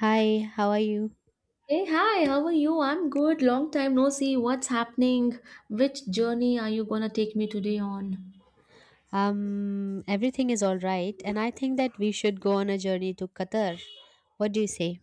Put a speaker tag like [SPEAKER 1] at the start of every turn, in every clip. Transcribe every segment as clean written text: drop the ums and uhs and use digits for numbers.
[SPEAKER 1] Hi, how are you?
[SPEAKER 2] Hey, hi, how are you? I'm good. Long time no see. What's happening? Which journey are you gonna take me today on?
[SPEAKER 1] Everything is all right, and I think that we should go on a journey to Qatar. What do you say?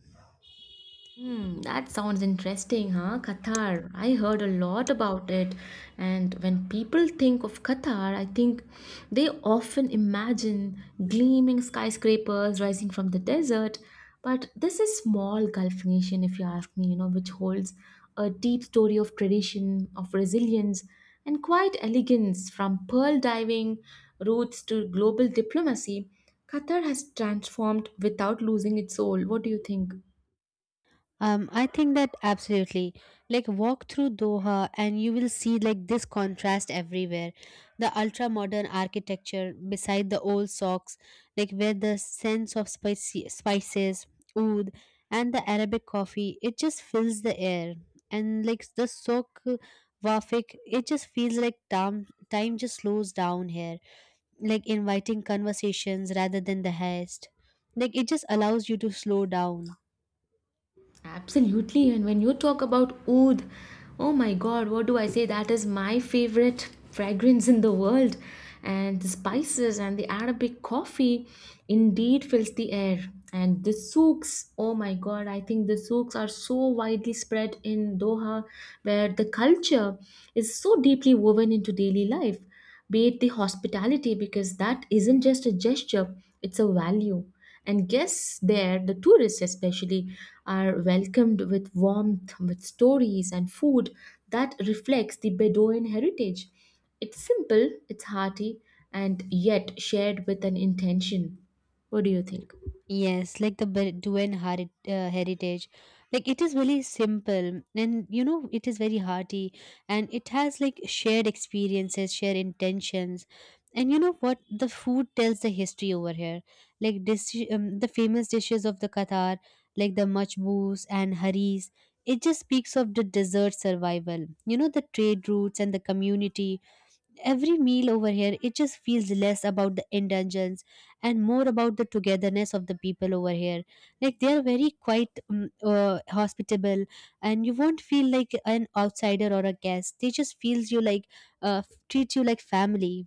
[SPEAKER 2] That sounds interesting, huh? Qatar. I heard a lot about it. And when people think of Qatar, I think they often imagine gleaming skyscrapers rising from the desert. But this is small Gulf nation, if you ask me, you know, which holds a deep story of tradition, of resilience, and quite elegance from pearl diving routes to global diplomacy. Qatar has transformed without losing its soul. What do you think?
[SPEAKER 1] I think that absolutely. Like walk through Doha and you will see like this contrast everywhere. The ultra modern architecture beside the old socks, like where the sense of spicy spices, oud, and the Arabic coffee, it just fills the air. And like the souk wafik, it just feels like time just slows down here like inviting conversations rather than the haste. Like it just allows you to slow down.
[SPEAKER 2] Absolutely. And when you talk about oud, oh my god, what do I say? That is my favorite fragrance in the world. And the spices and the Arabic coffee indeed fills the air. And the souks, oh my god, I think the souks are so widely spread in Doha, where the culture is so deeply woven into daily life be it the hospitality, because that isn't just a gesture, it's a value. And guests there, the tourists especially, are welcomed with warmth, with stories and food that reflects the Bedouin heritage. It's simple, it's hearty, and yet shared with an intention. What do you think?
[SPEAKER 1] Yes, like the heritage. Like it is really simple, and you know it is very hearty and it has like shared experiences, shared intentions. And you know what? The food tells the history over here. Like the famous dishes of the Qatar, like the machbous and haris. It just speaks of the desert survival, you know, the trade routes and the community. Every meal over here it just feels less about the indulgence and more about the togetherness of the people over here. Like they are very quite hospitable, and you won't feel like an outsider or a guest. They just feels you like treat you like family.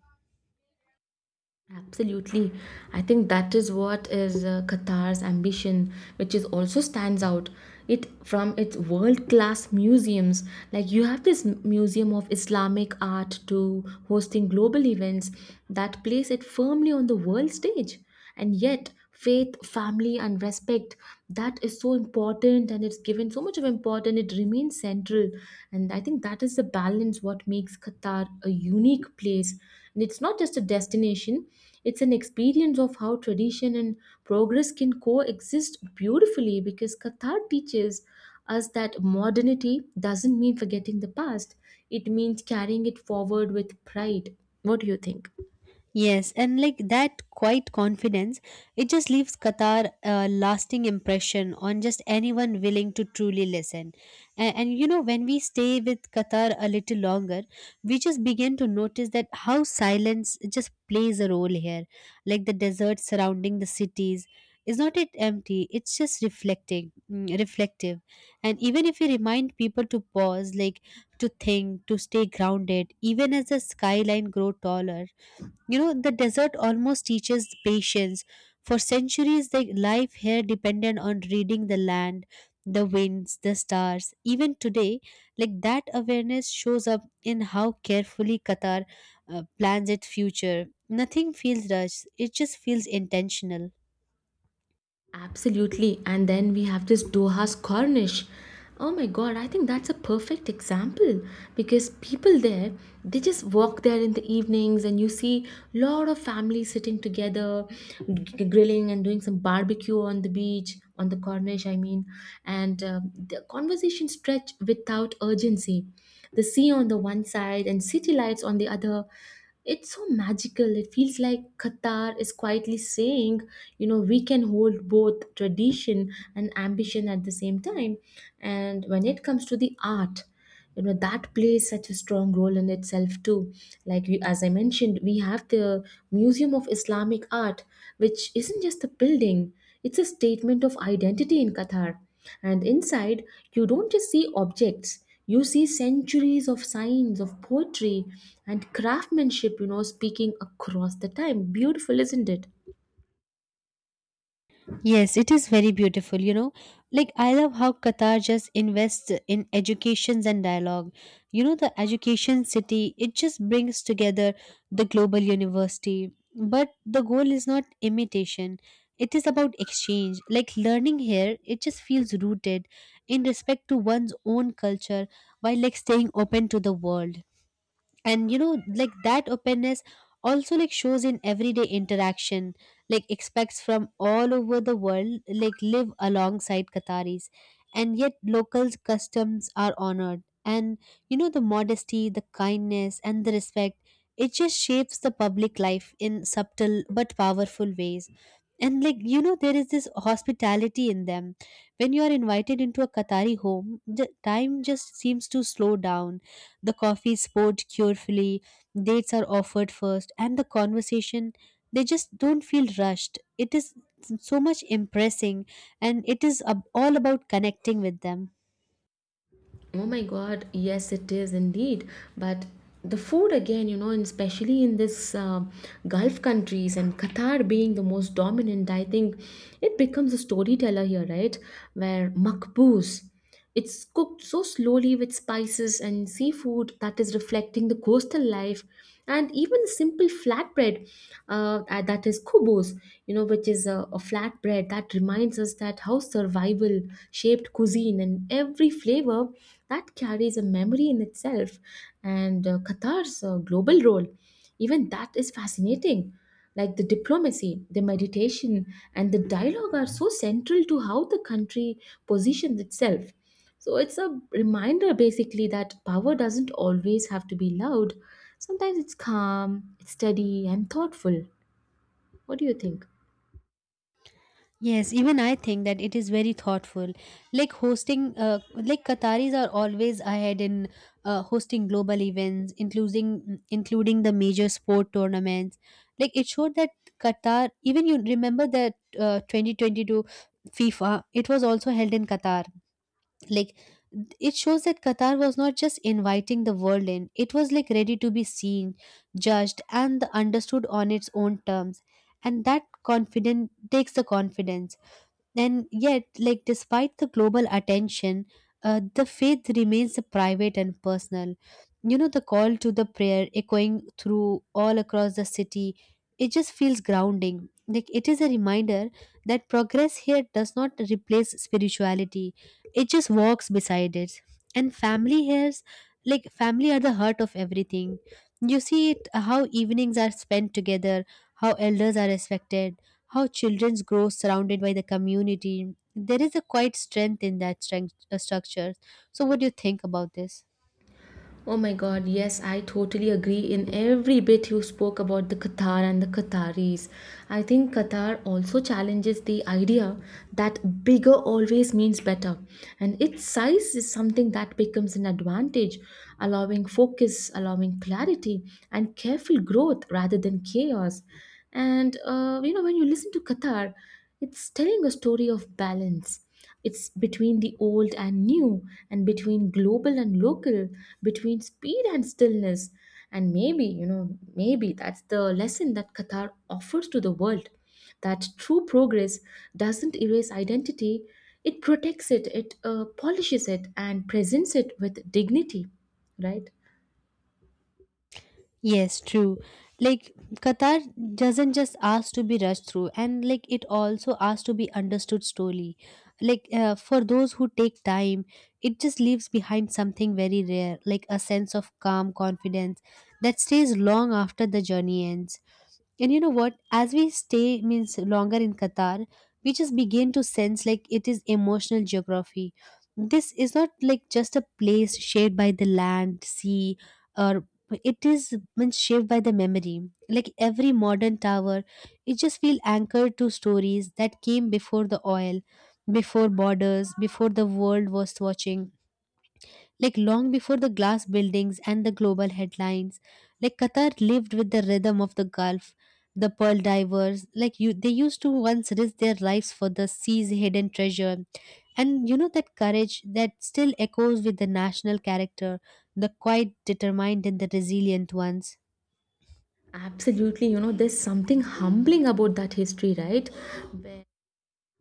[SPEAKER 2] Absolutely. I think that is what is Qatar's ambition, which is also stands out. It from its world-class museums, like you have this museum of Islamic art to hosting global events that place it firmly on the world stage, and yet faith family and respect, that is so important and it's given so much of importance, it remains central. And I think that is the balance what makes Qatar a unique place, and it's not just a destination, it's an experience of how tradition and progress can coexist beautifully, because Qatar teaches us that modernity doesn't mean forgetting the past, it means carrying it forward with pride. What do you think?
[SPEAKER 1] Yes, and like that quiet confidence, it just leaves Qatar a lasting impression on just anyone willing to truly listen. And you know, when we stay with Qatar a little longer, we just begin to notice that how silence just plays a role here. Like the desert surrounding the cities is not it empty, it's just reflective. And even if we remind people to pause, like to think, to stay grounded, even as the skyline grow taller, you know, the desert almost teaches patience. For centuries, their life here depended on reading the land, the winds, the stars. Even today, like that awareness shows up in how carefully Qatar plans its future. Nothing feels rushed, it just feels intentional.
[SPEAKER 2] Absolutely. And then we have this Doha's Cornish. Oh my god, I think that's a perfect example because people there, they just walk there in the evenings and you see lot of families sitting together, grilling and doing some barbecue on the beach, on the Cornish, I mean. And the conversation stretch without urgency, the sea on the one side and city lights on the other, it's so magical. It feels like Qatar is quietly saying, you know, we can hold both tradition and ambition at the same time. And when it comes to the art, you know, that plays such a strong role in itself too. Like we, as I mentioned, we have the museum of Islamic art, which isn't just a building, it's a statement of identity in Qatar. And inside, you don't just see objects, you see centuries of signs of poetry and craftsmanship, you know, speaking across the time. Beautiful, isn't it?
[SPEAKER 1] Yes, it is very beautiful, you know. Like I love how Qatar just invests in educations and dialogue. You know, the education city, it just brings together the global university. But the goal is not imitation. It is about exchange. Like learning here, it just feels rooted in respect to one's own culture while like staying open to the world. And you know like that openness also like shows in everyday interaction, like expects from all over the world like live alongside qataris, and yet locals customs are honored. And you know, the modesty, the kindness, and the respect, it just shapes the public life in subtle but powerful ways. And like you know, there is this hospitality in them. When you are invited into a qatari home, the time just seems to slow down. The coffee is poured carefully, dates are offered first, and the conversation, they just don't feel rushed. It is so much impressing, and it is all about connecting with them.
[SPEAKER 2] Oh my God, yes, it is indeed. But the food again, you know, and especially in this Gulf countries, and Qatar being the most dominant, I think it becomes a storyteller here, right? Where makbous, it's cooked so slowly with spices and seafood that is reflecting the coastal life, and even a simple flatbread, that is kubos, you know, which is a flatbread that reminds us that how survival shaped cuisine, and every flavor that carries a memory in itself. And Qatar's global role, even that is fascinating. Like the diplomacy, the meditation, and the dialogue are so central to how the country positions itself. So it's a reminder basically that power doesn't always have to be loud. Sometimes it's calm, it's steady, and thoughtful. What do you think?
[SPEAKER 1] Yes, even I think that it is very thoughtful. Like like Qataris are always ahead in hosting global events, including the major sport tournaments. Like it showed that Qatar, even you remember that 2022 FIFA, it was also held in Qatar. Like it shows that Qatar was not just inviting the world in, it was like ready to be seen, judged, and understood on its own terms. And that confidence takes the confidence. And yet, like despite the global attention, the faith remains private and personal. You know, the call to the prayer echoing through all across the city, it just feels grounding. Like it is a reminder that progress here does not replace spirituality; it just walks beside it. And family here's like family are the heart of everything. You see it how evenings are spent together, how elders are respected, how children grow surrounded by the community. There is a quite strength in that structure. So, what do you think about this?
[SPEAKER 2] Oh my God, yes, I totally agree in every bit you spoke about the Qatar and the Qataris. I think Qatar also challenges the idea that bigger always means better, and its size is something that becomes an advantage, allowing focus, allowing clarity, and careful growth rather than chaos. And you know, when you listen to Qatar, it's telling a story of balance. It's between the old and new, and between global and local, between speed and stillness. And maybe, you know, maybe that's the lesson that Qatar offers to the world, that true progress doesn't erase identity, it protects it, it polishes it, and presents it with dignity, right?
[SPEAKER 1] Yes, true. Like Qatar doesn't just ask to be rushed through, and like it also asks to be understood slowly. Like for those who take time, it just leaves behind something very rare, like a sense of calm confidence that stays long after the journey ends. And you know what? As we stay means longer in Qatar, we just begin to sense like it is emotional geography. This is not like just a place shaped by the land, sea, or it is means shaped by the memory. Like every modern tower, it just feels anchored to stories that came before the oil, before borders, before the world was watching. Like long before the glass buildings and the global headlines, like Qatar lived with the rhythm of the Gulf. The pearl divers like you, they used to once risk their lives for the sea's hidden treasure. And you know that courage that still echoes with the national character, the quite determined and the resilient ones.
[SPEAKER 2] Absolutely, you know, there's something humbling about that history, right? Where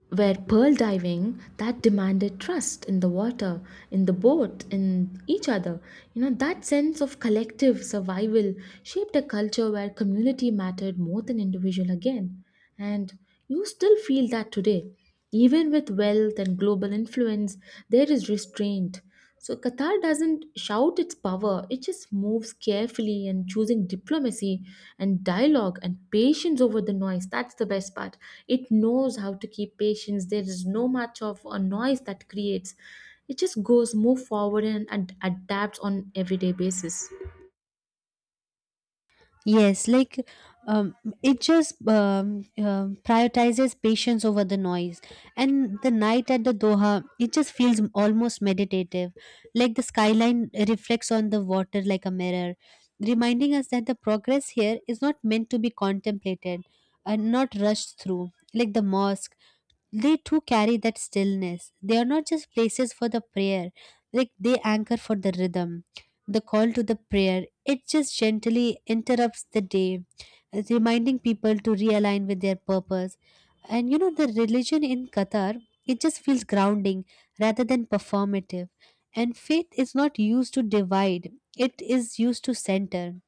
[SPEAKER 2] where pearl diving that demanded trust in the water, in the boat, in each other, you know that sense of collective survival shaped a culture where community mattered more than individual again. And you still feel that today. Even with wealth and global influence, there is restraint. So Qatar doesn't shout its power, it just moves carefully and choosing diplomacy and dialogue and patience over the noise. That's the best part. It knows how to keep patience. There is no much of a noise that creates. It just goes, move forward and adapts on everyday basis.
[SPEAKER 1] Yes, like um, it just prioritizes patience over the noise. And the night at the Doha, it just feels almost meditative. Like the skyline reflects on the water like a mirror, reminding us that the progress here is not meant to be contemplated and not rushed through. Like the mosque, they too carry that stillness. They are not just places for the prayer, like they anchor for the rhythm. The call to the prayer, it just gently interrupts the day, reminding people to realign with their purpose. And you know, the religion in Qatar, it just feels grounding rather than performative. And faith is not used to divide, it is used to center.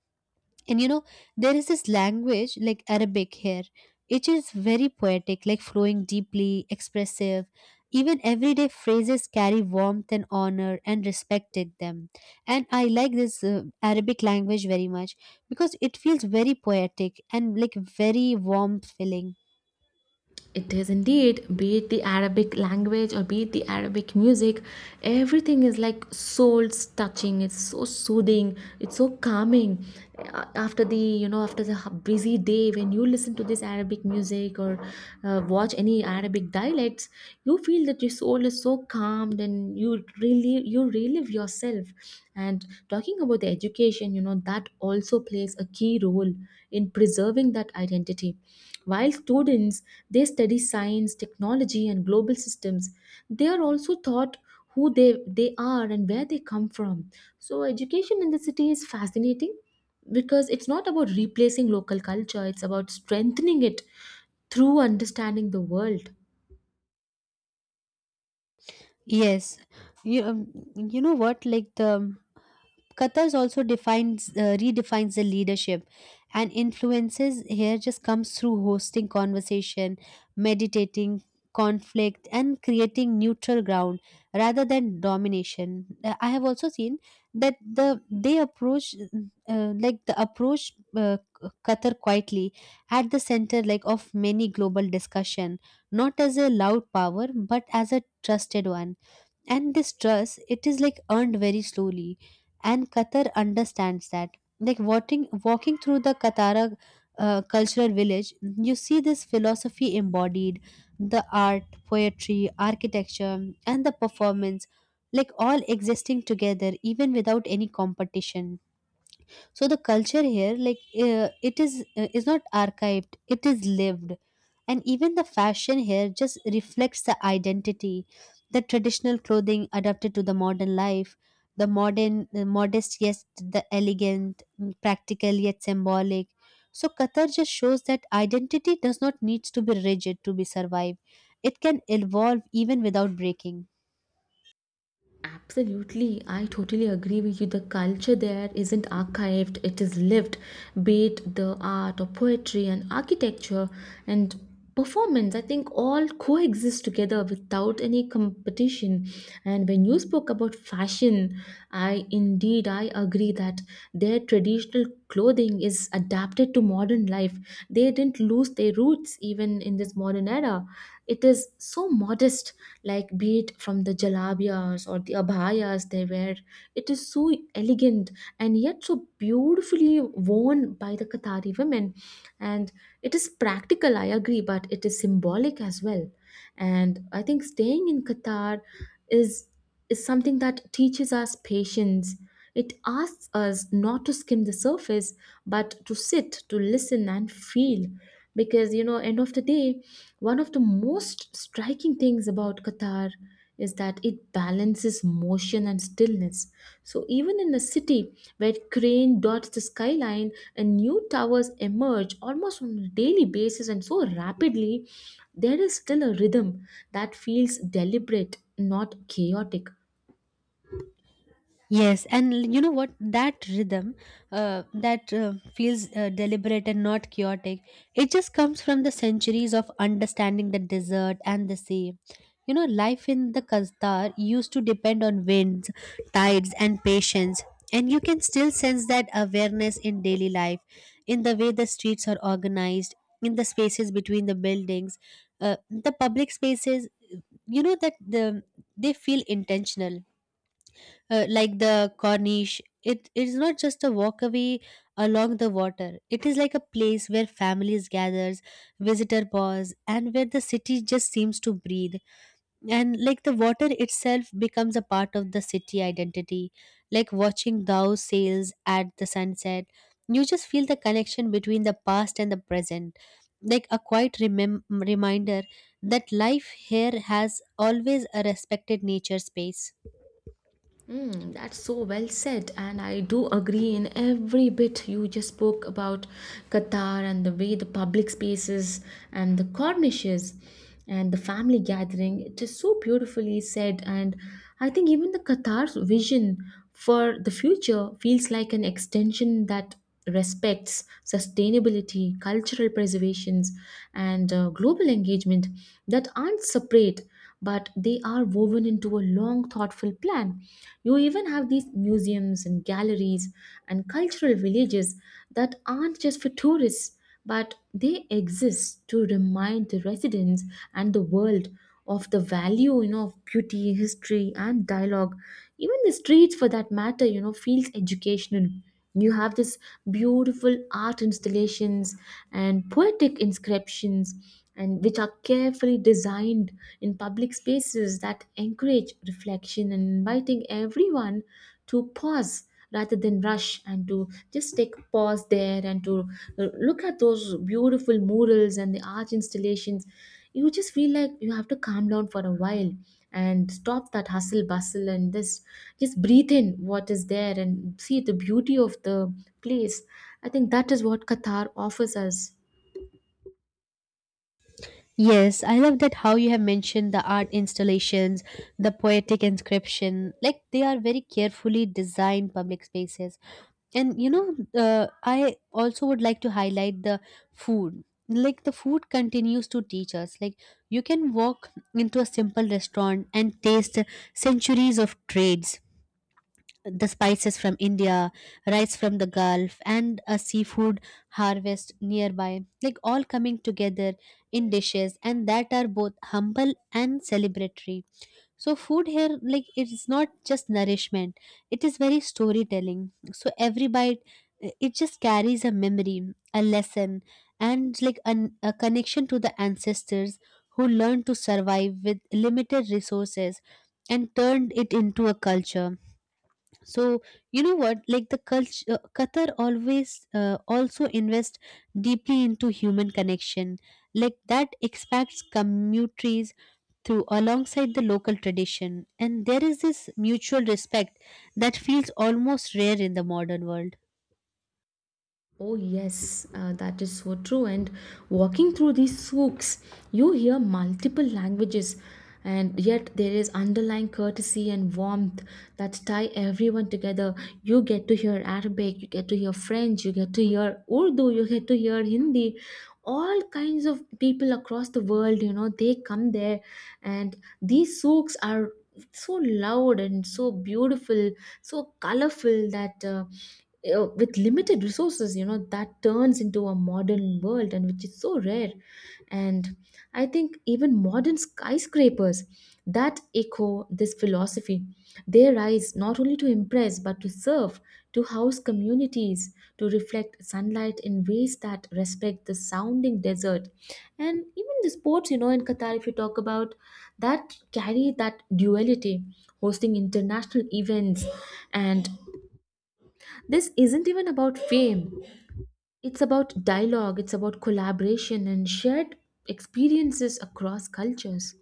[SPEAKER 1] And you know, there is this language like Arabic here. It is very poetic, like flowing deeply, expressive. Even everyday phrases carry warmth and honor and respected them. And I like this Arabic language very much because it feels very poetic and like very warm feeling.
[SPEAKER 2] It is indeed, be it the Arabic language or be it the Arabic music, everything is like souls touching. It's so soothing. It's so calming. After the, you know, after the busy day, when you listen to this Arabic music or watch any Arabic dialects, you feel that your soul is so calmed and you really you relive yourself. And talking about the education, you know that also plays a key role in preserving that identity. While students, they study science, technology and global systems, they are also taught who they are and where they come from. So education in the city is fascinating because it's not about replacing local culture, it's about strengthening it through understanding the world.
[SPEAKER 1] Yes, you know what? Like the Qatar's also defines redefines the leadership and influences here just comes through hosting conversation, meditating conflict and creating neutral ground rather than domination. I have also seen that they approach like the approach Qatar quietly at the center like of many global discussion, not as a loud power but as a trusted one. And this trust it is like earned very slowly, and Qatar understands that. Like walking through the Qatara cultural village, you see this philosophy embodied, the art, poetry, architecture, and the performance, like all existing together even without any competition. So the culture here like it is not archived, it is lived. And even the fashion here just reflects the identity, the traditional clothing adapted to the modern life, the modern modest yet the elegant, practical yet symbolic. So Qatar just shows that identity does not need to be rigid to be survived, it can evolve even without breaking.
[SPEAKER 2] Absolutely, I totally agree with you. The culture there isn't archived, it is lived, be it the art or poetry and architecture and performance. I think all coexist together without any competition. And when you spoke about fashion, I indeed I agree that their traditional clothing is adapted to modern life. They didn't lose their roots even in this modern era. It is so modest, like be it from the jalabiyas or the abayas they wear, it is so elegant, and yet so beautifully worn by the Qatari women. And it is practical, I agree, but it is symbolic as well. And I think staying in Qatar is is something that teaches us patience. It asks us not to skim the surface, but to sit, to listen and feel. Because, you know, end of the day, one of the most striking things about Qatar is that it balances motion and stillness. So even in a city where crane dots the skyline and new towers emerge almost on a daily basis and so rapidly, there is still a rhythm that feels deliberate, not chaotic.
[SPEAKER 1] Yes, and you know what? That rhythm that feels deliberate and not chaotic, it just comes from the centuries of understanding the desert and the sea. You know, life in the Khazar used to depend on winds, tides, and patience. And you can still sense that awareness in daily life, in the way the streets are organized, in the spaces between the buildings, the public spaces. You know that they feel intentional, like the Corniche. It is not just a walkaway along the water. It is like a place where families gathers, visitor pause, and where the city just seems to breathe. And like the water itself becomes a part of the city identity. Like watching those sails at the sunset, you just feel the connection between the past and the present. Like a quiet reminder that life here has always a respected nature space.
[SPEAKER 2] That's so well said, and I do agree in every bit you just spoke about Qatar, and the way the public spaces and the cornishes and the family gathering. It is so beautifully said, and I think even the Qatar's vision for the future feels like an extension that respects sustainability, cultural preservations, and global engagement, that aren't separate but they are woven into a long, thoughtful plan. You even have these museums and galleries and cultural villages that aren't just for tourists, but they exist to remind the residents and the world of the value, you know, of beauty, history and dialogue. Even the streets, for that matter, you know, feels educational. You have this beautiful art installations and poetic inscriptions, and which are carefully designed in public spaces that encourage reflection and inviting everyone to pause rather than rush, and to just take pause there, and to look at those beautiful murals and the art installations. You just feel like you have to calm down for a while and stop that hustle bustle, and this just breathe in what is there and see the beauty of the place. I think that is what Qatar offers us.
[SPEAKER 1] Yes, I love that how you have mentioned the art installations, the poetic inscription. Like they are very carefully designed public spaces. And you know, I also would like to highlight the food. Like the food continues to teach us. Like you can walk into a simple restaurant and taste centuries of trades, the spices from India, rice from the Gulf, and a seafood harvest nearby, like all coming together in dishes, and that are both humble and celebratory. So, food here, like it is not just nourishment, it is very storytelling. So, every bite, it just carries a memory, a lesson, and a connection to the ancestors who learned to survive with limited resources and turned it into a culture. so you know what, like, the culture, Qatar always also invest deeply into human connection, like that expects communities through alongside the local tradition, and there is this mutual respect that feels almost rare in the modern world.
[SPEAKER 2] Oh, yes, that is so true. And walking through these souks, you hear multiple languages, and yet there is underlying courtesy and warmth that tie everyone together. You get to hear Arabic, you get to hear French, you get to hear Urdu, you get to hear Hindi. All kinds of people across the world, you know, they come there, and these souks are so loud and so beautiful, so colorful that. With limited resources, you know, that turns into a modern world and which is so rare. And I think even modern skyscrapers that echo this philosophy, they rise not only to impress but to serve, to house communities, to reflect sunlight in ways that respect the sounding desert. And even the sports, you know, in Qatar if you talk about, that carry that duality, hosting international events, and this isn't even about fame, it's about dialogue, it's about collaboration and shared experiences across cultures.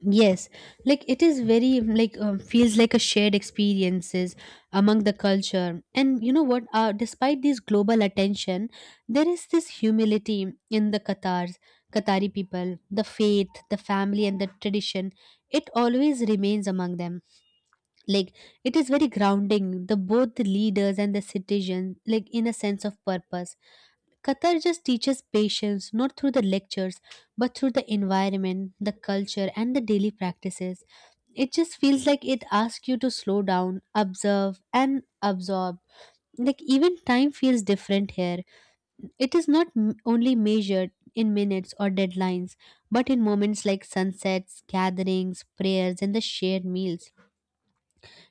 [SPEAKER 1] Yes, like it is very like, feels like a shared experiences among the culture. And you know what, despite this global attention, there is this humility in the Qatars, Qatari people. The faith, the family, and the tradition, it always remains among them. Like, it is very grounding, the both the leaders and the citizens, like in a sense of purpose. Qatar just teaches patience, not through the lectures, but through the environment, the culture, and the daily practices. It just feels like it asks you to slow down, observe, and absorb. Like even time feels different here. It is not only measured in minutes or deadlines, but in moments like sunsets, gatherings, prayers, and the shared meals.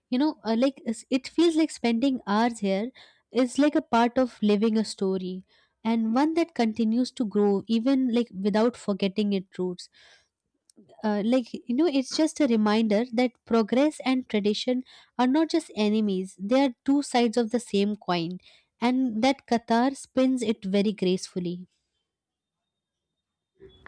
[SPEAKER 1] You know, like it feels like spending hours here is like a part of living a story, and one that continues to grow even like without forgetting its roots. Uh, like, you know, it's just a reminder that progress and tradition are not just enemies, they are two sides of the same coin, and that Qatar spins it very gracefully.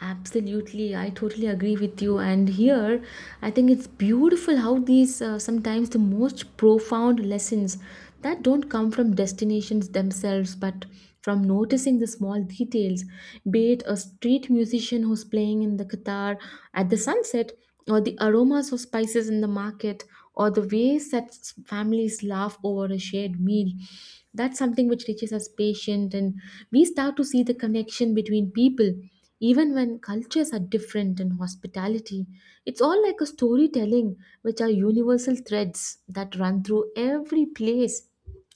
[SPEAKER 2] Absolutely, I totally agree with you. And here, I think it's beautiful how these sometimes the most profound lessons that don't come from destinations themselves, but from noticing the small details, be it a street musician who's playing in the guitar at the sunset, or the aromas of spices in the market, or the ways that families laugh over a shared meal. That's something which teaches us patience, and we start to see the connection between people even when cultures are different in hospitality, it's all like a storytelling, which are universal threads that run through every place.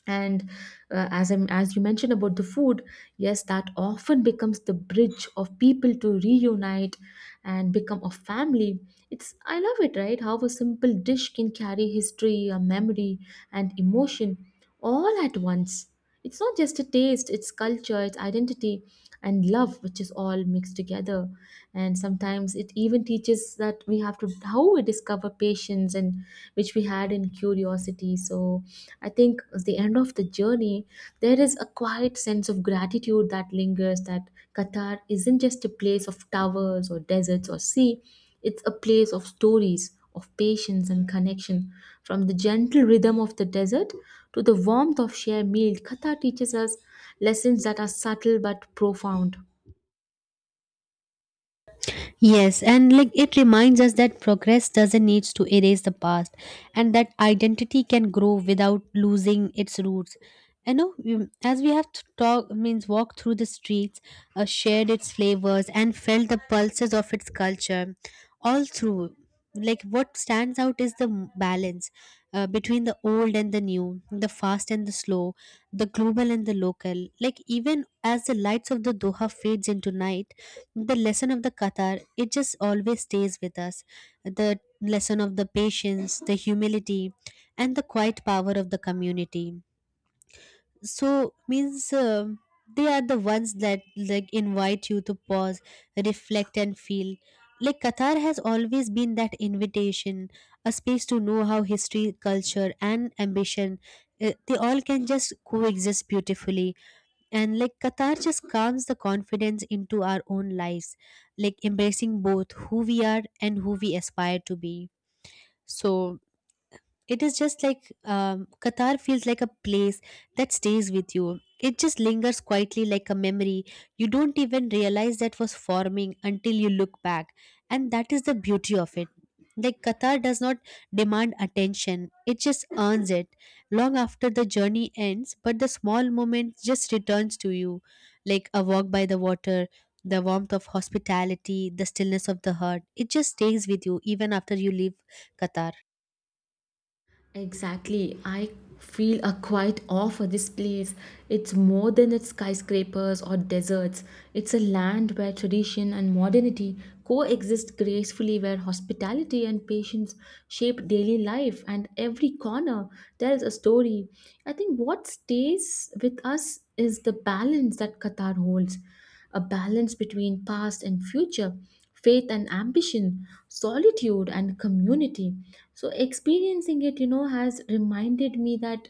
[SPEAKER 2] And as you mentioned about the food, yes, that often becomes the bridge of people to reunite and become a family. It's I love it, right? How a simple dish can carry history, a memory, and emotion all at once. It's not just a taste, it's culture, it's identity, and love, which is all mixed together. And sometimes it even teaches that we have to how we discover patience and which we had in curiosity. So I think at the end of the journey, there is a quiet sense of gratitude that lingers that Qatar isn't just a place of towers or deserts or sea, it's a place of stories, of patience and connection. From the gentle rhythm of the desert to the warmth of shared meal, Qatar teaches us lessons that are subtle but profound.
[SPEAKER 1] Yes, and like it reminds us that progress doesn't need to erase the past, and that identity can grow without losing its roots. You know, as we have talked, means walked through the streets, shared its flavors, and felt the pulses of its culture all through. Like, what stands out is the balance between the old and the new, the fast and the slow, the global and the local. Like, even as the lights of the Doha fades into night, the lesson of the Qatar, it just always stays with us. The lesson of the patience, the humility, and the quiet power of the community. So means, they are the ones that like invite you to pause, reflect, and feel. Like Qatar has always been that invitation, a space to know how history, culture, and ambition, they all can just coexist beautifully. And like Qatar just calms the confidence into our own lives, like embracing both who we are and who we aspire to be. So, it is just like, Qatar feels like a place that stays with you. It just lingers quietly like a memory. You don't even realize that was forming until you look back. And that is the beauty of it. Like Qatar does not demand attention, it just earns it long after the journey ends, but the small moment just returns to you, like a walk by the water, the warmth of hospitality, the stillness of the heart. It just stays with you even after you leave Qatar.
[SPEAKER 2] Exactly. I feel a quiet awe for this place. It's more than its skyscrapers or deserts. It's a land where tradition and modernity coexist gracefully, where hospitality and patience shape daily life, and every corner tells a story. I think what stays with us is the balance that Qatar holds a balance between past and future, faith and ambition, solitude and community. So experiencing it, you know, has reminded me that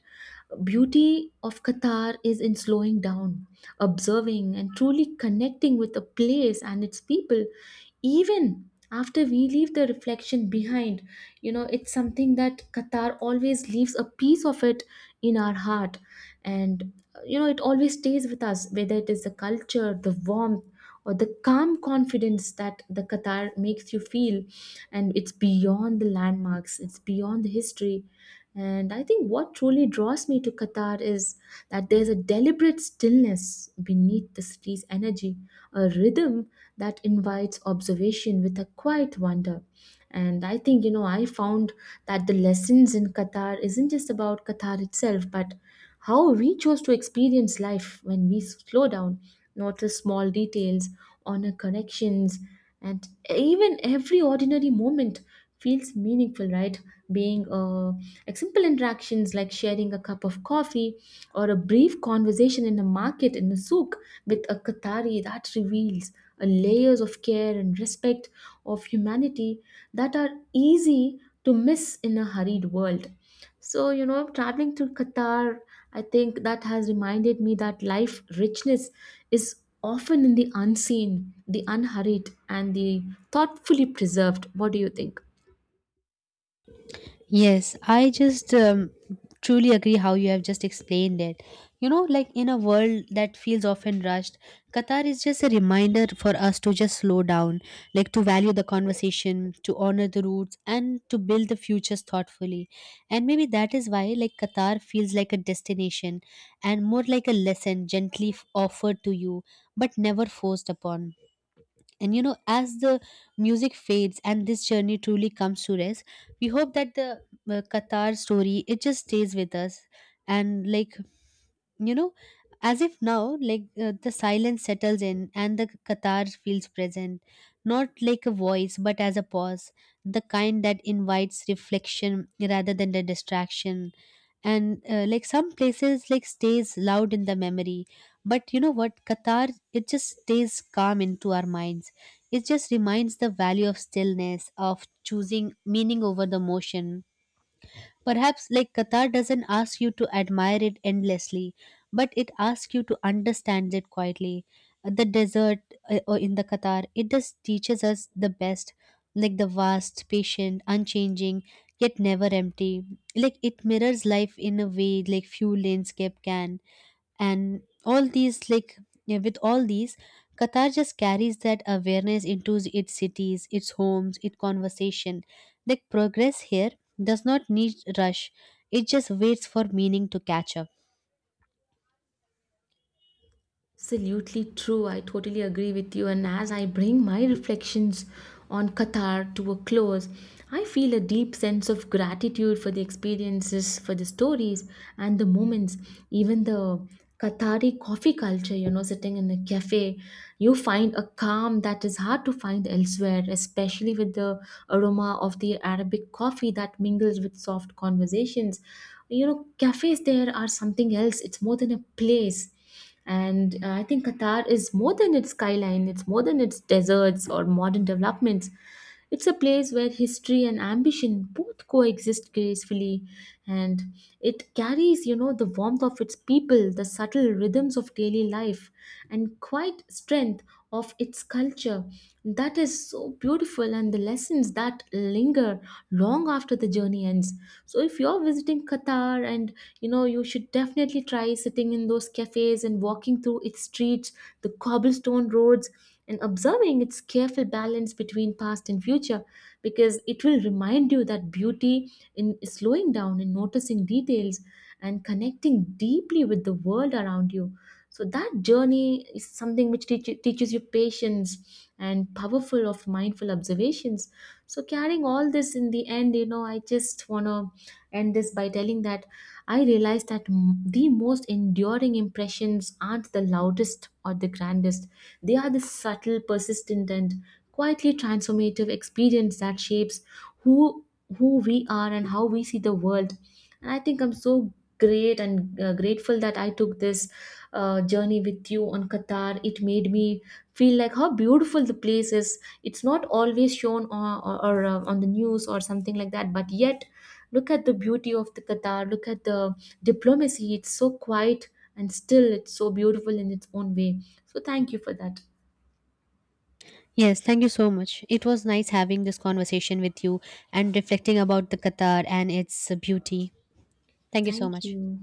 [SPEAKER 2] beauty of Qatar is in slowing down, observing and truly connecting with a place and its people even after we leave the reflection behind, you know, it's something that Qatar always leaves a piece of it in our heart. And you know, it always stays with us, whether it is the culture, the warmth, or the calm confidence that the Qatar makes you feel. And it's beyond the landmarks, it's beyond the history. And I think what truly draws me to Qatar is that there's a deliberate stillness beneath the city's energy, a rhythm that invites observation with a quiet wonder. And I think, you know, I found that the lessons in Qatar isn't just about Qatar itself, but how we choose to experience life when we slow down, notice small details, honor corrections, and even every ordinary moment feels meaningful, right? Being Like simple interactions like sharing a cup of coffee or a brief conversation in a market in a souk with a Qatari that reveals a layers of care and respect of humanity that are easy to miss in a hurried world. So, you know, traveling to Qatar, I think that has reminded me that life richness is often in the unseen, the unhurried, and the thoughtfully preserved. What do you think?
[SPEAKER 1] Yes, I just, truly agree how you have just explained it. You know, like in a world that feels often rushed, Qatar is just a reminder for us to just slow down, like to value the conversation, to honor the roots, and to build the futures thoughtfully. And maybe that is why, like, Qatar feels like a destination and more like a lesson gently offered to you, but never forced upon. And you know, as the music fades and this journey truly comes to rest, we hope that the, Qatar story, it just stays with us. And like, you know, as if now, like, the silence settles in and the Qatar feels present, not like a voice but as a pause, the kind that invites reflection rather than the distraction. And like, some places like stays loud in the memory, but you know what, Qatar, it just stays calm into our minds. It just reminds the value of stillness, of choosing meaning over the motion. Perhaps, like, Qatar doesn't ask you to admire it endlessly, but it asks you to understand it quietly. The desert, or in the Qatar, it just teaches us the best, like the vast, patient, unchanging, yet never empty. Like it mirrors life in a way like few landscape can. And all these, like, yeah, with all these, Qatar just carries that awareness into its cities, its homes, its conversation. Like progress here does not need rush, it just waits for meaning to catch up.
[SPEAKER 2] Absolutely true. I totally agree with you. And as I bring my reflections on Qatar to a close, I feel a deep sense of gratitude for the experiences, for the stories, and the moments. Even the Qatari coffee culture, you know, sitting in a cafe, you find a calm that is hard to find elsewhere, especially with the aroma of the Arabic coffee that mingles with soft conversations. You know, cafes there are something else, it's more than a place. And I think Qatar is more than its skyline, it's more than its deserts or modern developments. It's a place where history and ambition both coexist gracefully, and it carries, you know, the warmth of its people, the subtle rhythms of daily life, and quiet strength of its culture that is so beautiful, and the lessons that linger long after the journey ends. So, if you're visiting Qatar, and you know, you should definitely try sitting in those cafes and walking through its streets, the cobblestone roads, and observing its careful balance between past and future, because it will remind you that beauty in slowing down and noticing details and connecting deeply with the world around you. So that journey is something which teaches you patience and powerful of mindful observations. So carrying all this, in the end, you know, I just want to end this by telling that I realized that the most enduring impressions aren't the loudest or the grandest, they are the subtle, persistent, and quietly transformative experience that shapes who who we are and how we see the world. And I think I'm so great and grateful that I took this journey with you on Qatar. It made me feel like how beautiful the place is. It's not always shown on, or on the news or something like that, but yet look at the beauty of the Qatar. Look at the diplomacy. It's so quiet and still it's so beautiful in its own way. So thank you for that.
[SPEAKER 1] Yes, thank you so much. It was nice having this conversation with you and reflecting about the Qatar and its beauty. Thank you so
[SPEAKER 2] Thank
[SPEAKER 1] much.
[SPEAKER 2] you.